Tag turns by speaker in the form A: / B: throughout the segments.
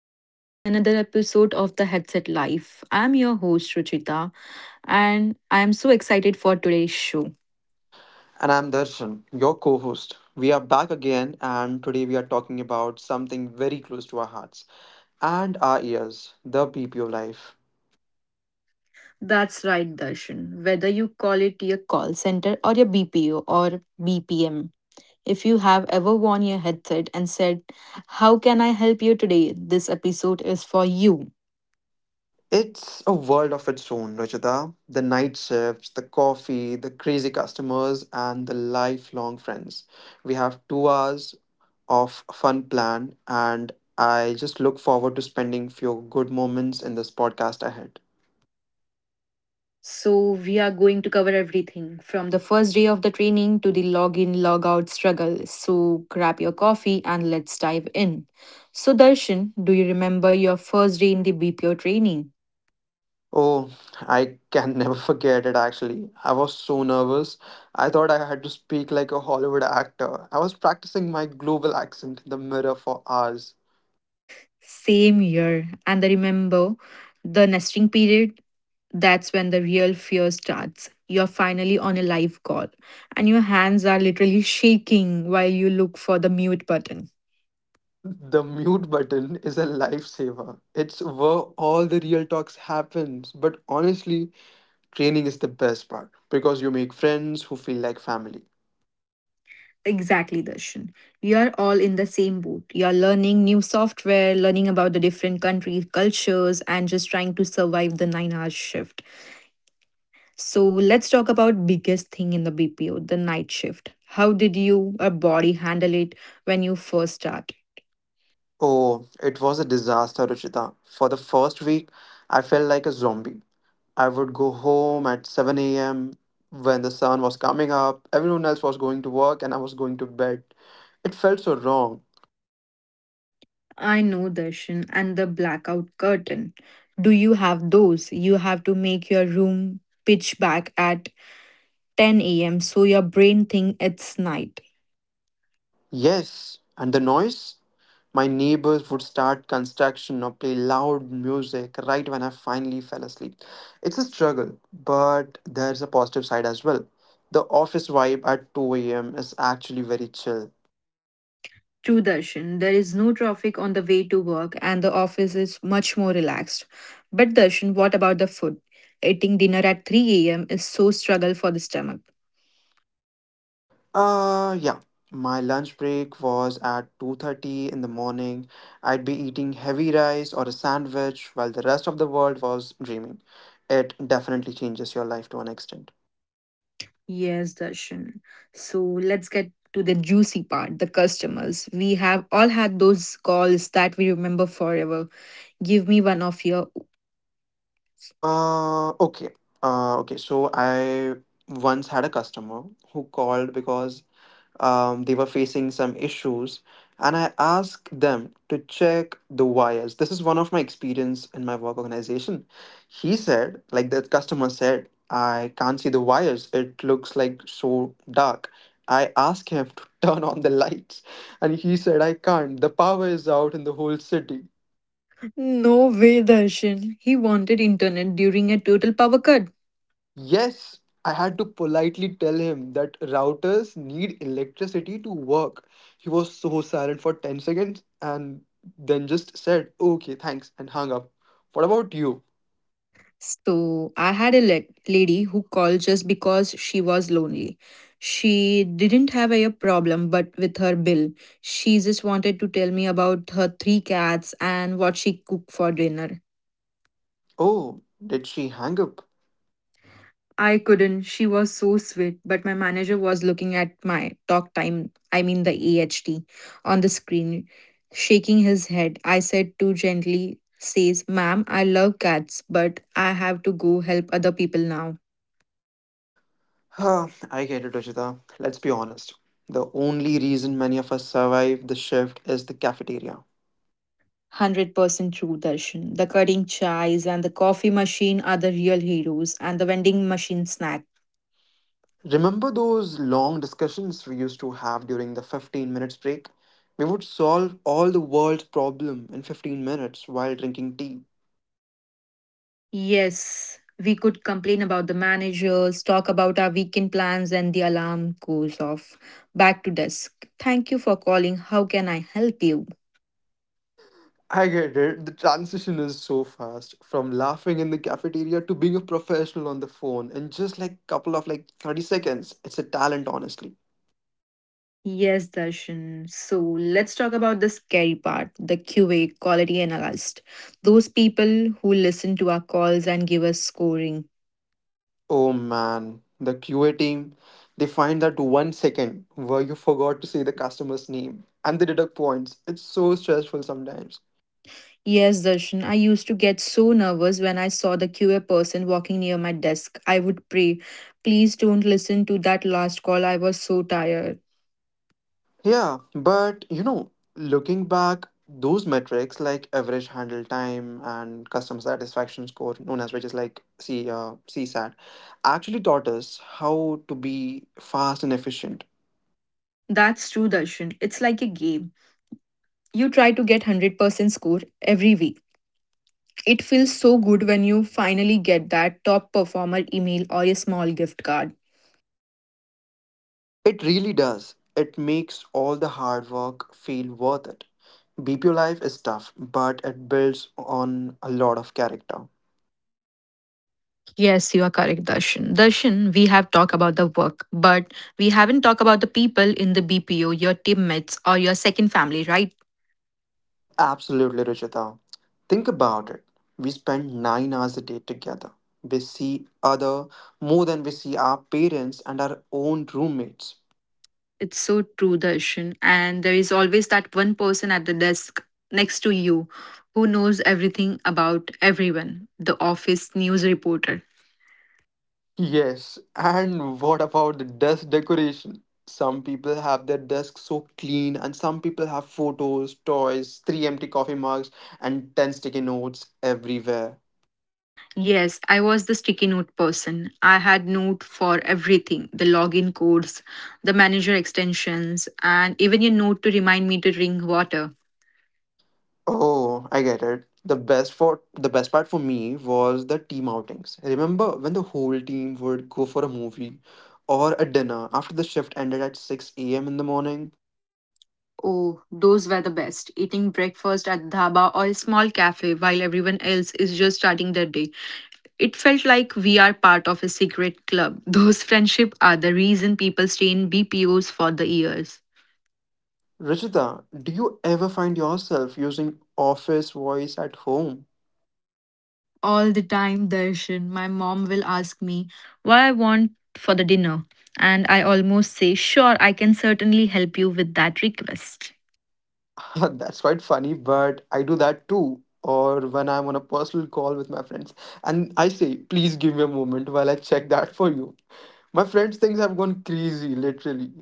A: Welcome to the another episode of the Headset Life. I'm your host Ruchita and I'm so excited for today's show.
B: And I'm Darshan, your co host. We are back again, and today we are talking about something very close to our hearts and our ears the BPO life.
A: That's right, Darshan. Whether you call it your call center or your BPO or BPM, if you have ever worn your headset and said, "How can I help you today?" this episode is for you.
B: It's a world of its own, Rajita. The night shifts, the coffee, the crazy customers, and the lifelong friends. We have 2 hours of fun plan, and I just look forward to spending few good moments in this podcast ahead.
A: So, we are going to cover everything from the first day of the training to the login, log out struggle. So, grab your coffee and let's dive in. So, Darshan, do you remember your first day in the BPO training?
B: Oh, I can never forget it actually. I was so nervous. I thought I had to speak like a Hollywood actor. I was practicing my global accent in the mirror for hours.
A: Same year. And I remember the nesting period. That's when the real fear starts. You're finally on a live call, and your hands are literally shaking while you look for the mute button.
B: The mute button is a lifesaver. It's where all the real talks happens. But honestly, training is the best part because you make friends who feel like family.
A: Exactly, Darshan. You're all in the same boat. You're learning new software, learning about the different countries, cultures, and just trying to survive the nine-hour shift. So let's talk about biggest thing in the BPO, the night shift. How did you or body handle it when you first started?
B: Oh, it was a disaster, Ruchita. For the first week, I felt like a zombie. I would go home at 7 a.m. when the sun was coming up. Everyone else was going to work and I was going to bed. It felt so wrong.
A: I know, Darshan, and the blackout curtain. Do you have those? You have to make your room pitch black at 10 a.m. so your brain think it's night.
B: Yes, and the noise? My neighbors would start construction or play loud music right when I finally fell asleep. It's a struggle, but there's a positive side as well. The office vibe at 2 a.m. is actually very chill.
A: True Darshan, there is no traffic on the way to work and the office is much more relaxed. But Darshan, what about the food? Eating dinner at 3 a.m. is so struggle for the stomach.
B: Yeah. My lunch break was at 2:30 in the morning. I'd be eating heavy rice or a sandwich while the rest of the world was dreaming. It definitely changes your life to an extent.
A: Yes, Darshan. So let's get to the juicy part, the customers. We have all had those calls that we remember forever. Give me one of your.
B: Uh, okay. Okay. So I once had a customer who called because they were facing some issues, and I asked them to check the wires. This is one of my experience in my work organization. He said, like, the customer said, I can't see the wires, it looks like so dark. I asked him to turn on the lights, and he said, I can't, the power is out in the whole city.
A: No way, Darshan. He wanted internet during a total power cut.
B: Yes, I had to politely tell him that routers need electricity to work. He was so silent for 10 seconds, and then just said, okay, thanks, and hung up. What about you?
A: So I had a lady who called just because she was lonely. She didn't have a problem, but with her bill, she just wanted to tell me about her three cats and what she cooked for dinner.
B: Oh, did she hang up?
A: I couldn't. She was so sweet, but my manager was looking at my talk time, I mean the AHT, on the screen, shaking his head. I said too gently, says, "Ma'am, I love cats, but I have to go help other people now."
B: Huh, I get it, Rajita. Let's be honest. The only reason many of us survive the shift is the cafeteria.
A: 100% true, Darshan. The cutting chais and the coffee machine are the real heroes, and the vending machine snack.
B: Remember those long discussions we used to have during the 15 minutes break? We would solve all the world's problem in 15 minutes while drinking tea.
A: Yes, we could complain about the managers, talk about our weekend plans, and the alarm goes off. Back to desk. Thank you for calling. How can I help you?
B: I get it. The transition is so fast from laughing in the cafeteria to being a professional on the phone in just like couple of like 30 seconds. It's a talent honestly.
A: Yes, Darshan. So let's talk about the scary part the QA, quality analyst. Those people who listen to our calls and give us scoring.
B: Oh man, the QA team, they find that 1 second where you forgot to say the customer's name and they deduct points. It's so stressful sometimes.
A: Yes, Darshan, I used to get so nervous when I saw the QA person walking near my desk. I would pray, please don't listen to that last call. I was so tired.
B: Yeah, but you know, looking back, those metrics like average handle time and customer satisfaction score, known as which is like C CSAT, actually taught us how to be fast and efficient.
A: That's true, Darshan. It's like a game. You try to get 100% score every week. It feels so good when you finally get that top performer email or a small gift card.
B: It really does. It makes all the hard work feel worth it. BPO life is tough, but it builds on a lot of character.
A: Yes, you are correct, Darshan. Darshan, we have talked about the work, but we haven't talked about the people in the BPO, your teammates, or your second family, right?
B: Absolutely, Ruchita. Think about it. We spend 9 hours a day together. We see other more than we see our parents and our own roommates.
A: It's so true, Darshan. And there is always that one person at the desk next to you who knows everything about everyone the office news reporter.
B: Yes, and what about the desk decoration? Some people have their desk so clean, and some people have photos, toys, three empty coffee mugs, and 10 sticky notes everywhere.
A: Yes, I was the sticky note person. I had note for everything the login codes, the manager extensions, and even a note to remind me to drink water.
B: Oh, I get it. The best part for me was the team outings. Remember when the whole team would go for a movie or a dinner after the shift ended at 6 a.m. in the morning?
A: Oh, those were the best. Eating breakfast at dhaba or a small cafe while everyone else is just starting their day. It felt like we are part of a secret club. Those friendships are the reason people stay in BPOs for the years.
B: Ruchita, do you ever find yourself using office voice at home?
A: All the time, Darshan, my mom will ask me what I want for the dinner, and I almost say, "Sure, I can certainly help you with that request."
B: That's quite funny, but I do that too. Or when I'm on a personal call with my friends and I say, please give me a moment while I check that for you. My friends think I've gone crazy, literally.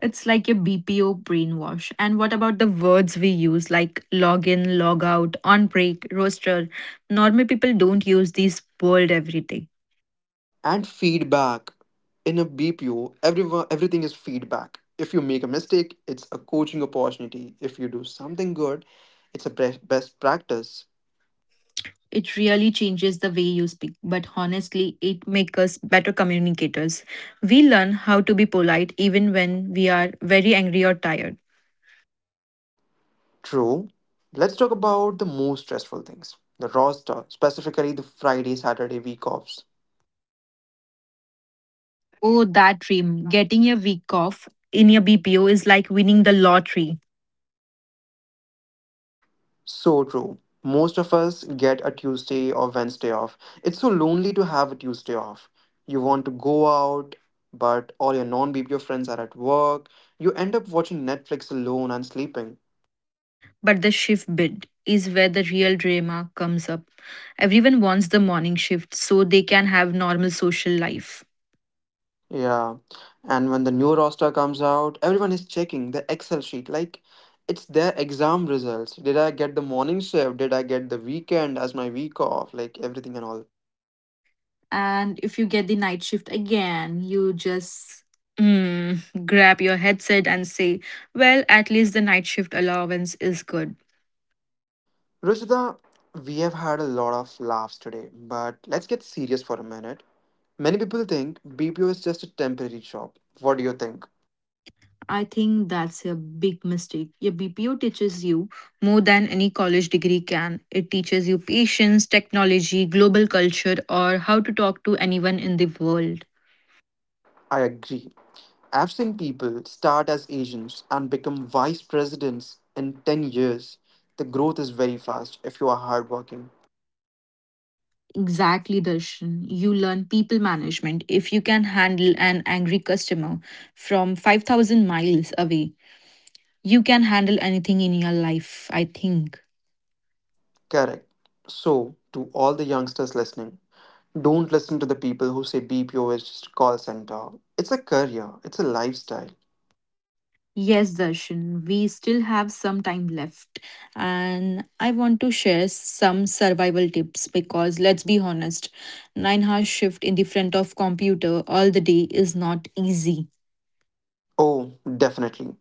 A: It's like a BPO brainwash. And what about the words we use, like log in, log out, on break, roster? Normal people don't use these words every day.
B: And feedback, in a bpo everyone everything is feedback. If you make a mistake it's a coaching opportunity, if you do something good it's a best practice.
A: It really changes the way you speak, but honestly, it makes us better communicators. We learn how to be polite even when we are very angry or tired.
B: True. Let's talk about the most stressful things, the roster, specifically the friday saturday week offs.
A: Oh, that dream. Getting a week off in your BPO is like winning the lottery.
B: So true. Most of us get a Tuesday or Wednesday off. It's so lonely to have a Tuesday off. You want to go out, but all your non BPO friends are at work. You end up watching Netflix alone and sleeping.
A: But the shift bid is where the real drama comes up. Everyone wants the morning shift so they can have normal social life.
B: Yeah. And when the new roster comes out, everyone is checking the Excel sheet. Like, it's their exam results. Did I get the morning shift? Did I get the weekend as my week off? Like, everything and all.
A: And if you get the night shift again, you just Mm, grab your headset and say, well, at least the night shift allowance is good.
B: Ruchita, we have had a lot of laughs today, but let's get serious for a minute. Many people think BPO is just a temporary job. What do you think?
A: I think that's a big mistake. Your BPO teaches you more than any college degree can. It teaches you patience, technology, global culture, or how to talk to anyone in the world.
B: I agree. I've seen people start as agents and become vice presidents in 10 years. The growth is very fast if you are hardworking.
A: Exactly, Darshan. You learn people management. If you can handle an angry customer from 5,000 miles away, you can handle anything in your life, I think.
B: Correct. So, to all the youngsters listening, don't listen to the people who say BPO is just a call center. It's a career, it's a lifestyle.
A: Yes, Darshan, we still have some time left. And I want to share some survival tips because let's be honest, 9-hour shift in the front of computer all the day is not easy.
B: Oh, definitely.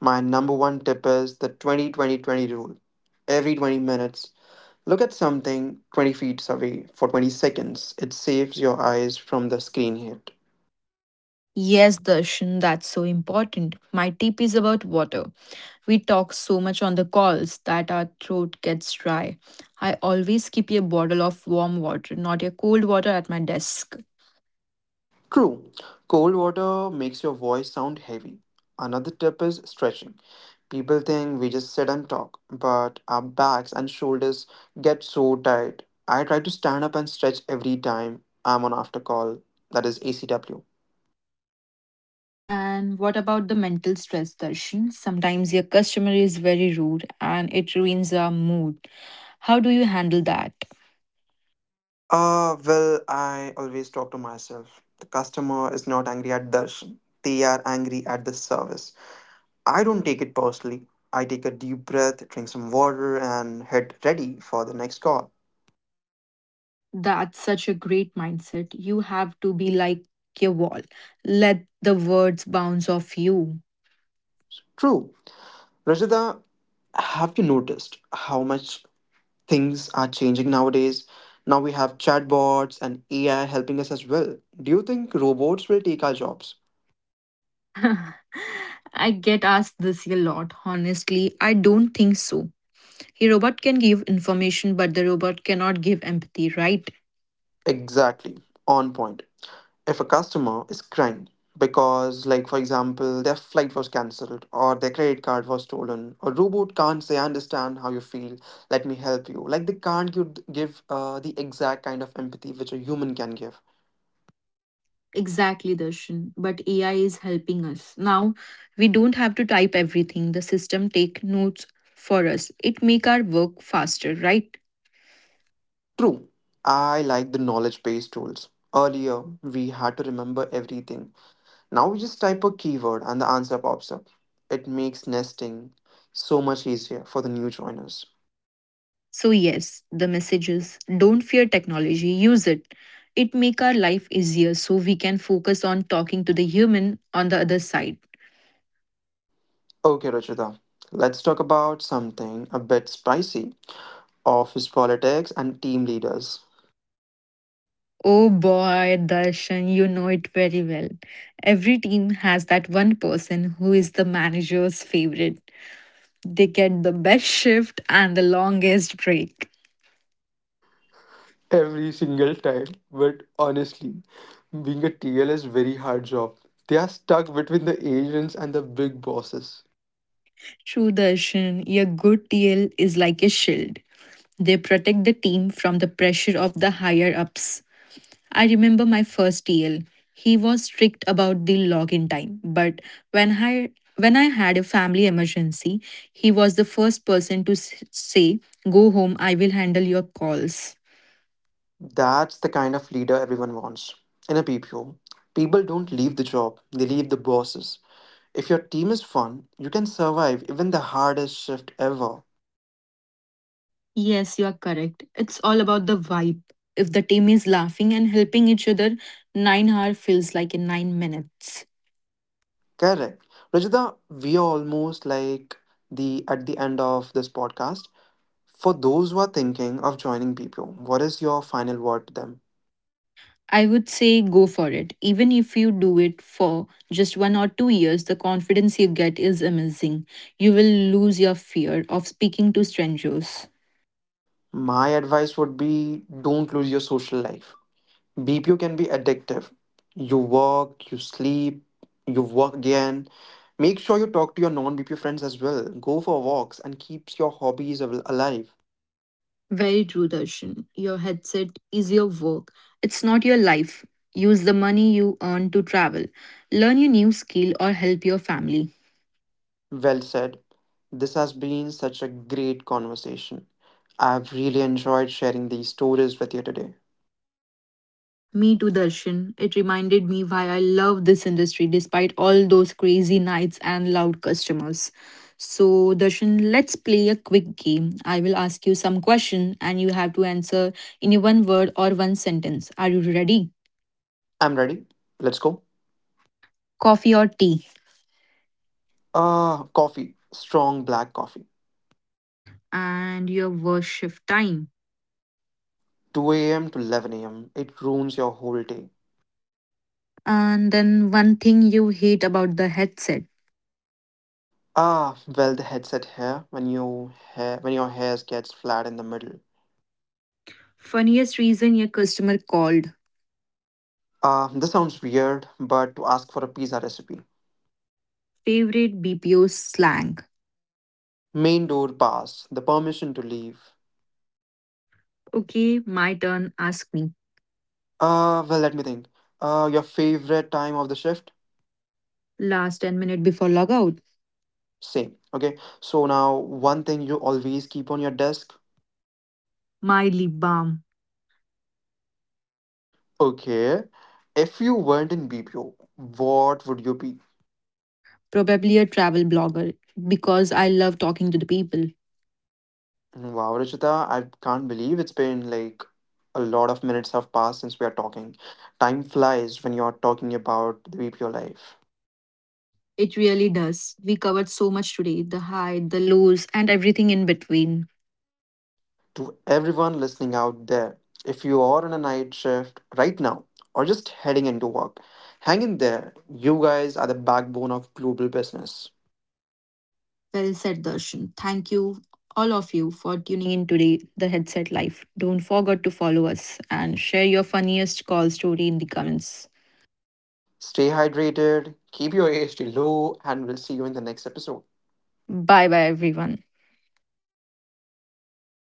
B: My number one tip is the 20 20 20 rule. Every 20 minutes, look at something 20 feet away for 20 seconds. It saves your eyes from the screen hit.
A: Yes, Darshan, that's so important. My tip is about water. We talk so much on the calls that our throat gets dry. I always keep a bottle of warm water, not a cold water, at my desk.
B: True, cold water makes your voice sound heavy. Another tip is stretching. People think we just sit and talk, but our backs and shoulders get so tight. I try to stand up and stretch every time I'm on after call, that is ACW.
A: And what about the mental stress, Darshan? Sometimes your customer is very rude and it ruins our mood. How do you handle that?
B: I always talk to myself. The customer is not angry at Darshan, they are angry at the service. I don't take it personally. I take a deep breath, drink some water, and head ready for the next call.
A: That's such a great mindset. You have to be like a wall, let the words bounce off you.
B: True. Rajita, have you noticed how much things are changing nowadays? Now we have chatbots and AI helping us as well. Do you think robots will take our jobs?
A: I get asked this a lot. Honestly, I don't think so. A robot can give information, but the robot cannot give empathy, right?
B: Exactly, on point. If a customer is crying because, like, for example, their flight was cancelled or their credit card was stolen, a robot can't say, I understand how you feel, let me help you. Like, they can't give the exact kind of empathy which a human can give.
A: Exactly, Darshan. But AI is helping us. Now we don't have to type everything. The system take notes for us. It make our work faster, right?
B: True, I like the knowledge based tools. Earlier, we had to remember everything. Now, we just type a keyword and the answer pops up. It makes nesting so much easier for the new joiners.
A: So yes, the message is don't fear technology, use it. It make our life easier so we can focus on talking to the human on the other side.
B: Okay, Ruchita, let's talk about something a bit spicy, office politics and team leaders.
A: Oh boy, Darshan, you know it very well. Every team has that one person who is the manager's favorite. They get the best shift and the longest break.
B: Every single time, but honestly, being a TL is very hard job. They are stuck between the agents and the big bosses.
A: True Darshan, your good TL is like a shield. They protect the team from the pressure of the higher ups. I remember my first TL. He was strict about the login time, but when I when I had a family emergency, he was the first person to say, "Go home, I will handle your calls."
B: That's the kind of leader everyone wants. In a PPO, people don't leave the job, they leave the bosses. If your team is fun, you can survive even the hardest shift ever.
A: Yes, you are correct. It's all about the vibe. If the team is laughing and helping each other, 9-hour feels like in 9 minutes.
B: Correct. Rajita, we are almost like the at the end of this podcast. For those who are thinking of joining BPO, what is your final word to them?
A: I would say go for it. Even if you do it for just one or two years, the confidence you get is amazing. You will lose your fear of speaking to strangers.
B: My advice would be don't lose your social life. BPO can be addictive. You work, you sleep, you work again. Make sure you talk to your non BPO friends as well. Go for walks and keeps your hobbies alive.
A: Very true, Darshan. Your headset is your work, it's not your life. Use the money you earn to travel, learn your new skill, or help your family.
B: Well said. This has been such a great conversation. I've really enjoyed sharing these stories with you today.
A: Me too, Darshan. It reminded me why I love this industry despite all those crazy nights and loud customers. So, Darshan, let's play a quick game. I will ask you some question and you have to answer in a one word or one sentence. Are you ready?
B: I'm ready. Let's go.
A: Coffee or tea?
B: Ah, coffee. Strong black coffee.
A: And your worst shift time.
B: 2 a.m. to 11 a.m. It ruins your whole day.
A: And then one thing you hate about the headset.
B: Ah, well, the headset hair when your hair gets flat in the middle.
A: Funniest reason your customer called.
B: Ah, this sounds weird, but to ask for a pizza recipe.
A: Favorite BPO slang.
B: Main door pass. The permission to leave.
A: Okay, my turn. Ask me.
B: Ah, well, let me think. Your favorite time of the shift?
A: Last 10 minutes before logout.
B: Same. Okay. So now, one thing you always keep on your desk.
A: My lip balm.
B: Okay. If you weren't in BPO, what would you be?
A: Probably a travel blogger because I love talking to the people.
B: Wow, Rachita, I can't believe it's been like a lot of minutes have passed since we are talking. Time flies when you're talking about the BPO life.
A: It really does. We covered so much today the high, the lows, and everything in between.
B: To everyone listening out there, if you are on a night shift right now or just heading into work, hang in there. You guys are the backbone of global business.
A: Well said, Darshan. Thank you, all of you, for tuning in today, The Headset Life. Don't forget to follow us and share your funniest call story in the comments.
B: Stay hydrated, keep your AST low, and we'll see you in the next episode.
A: Bye bye, everyone.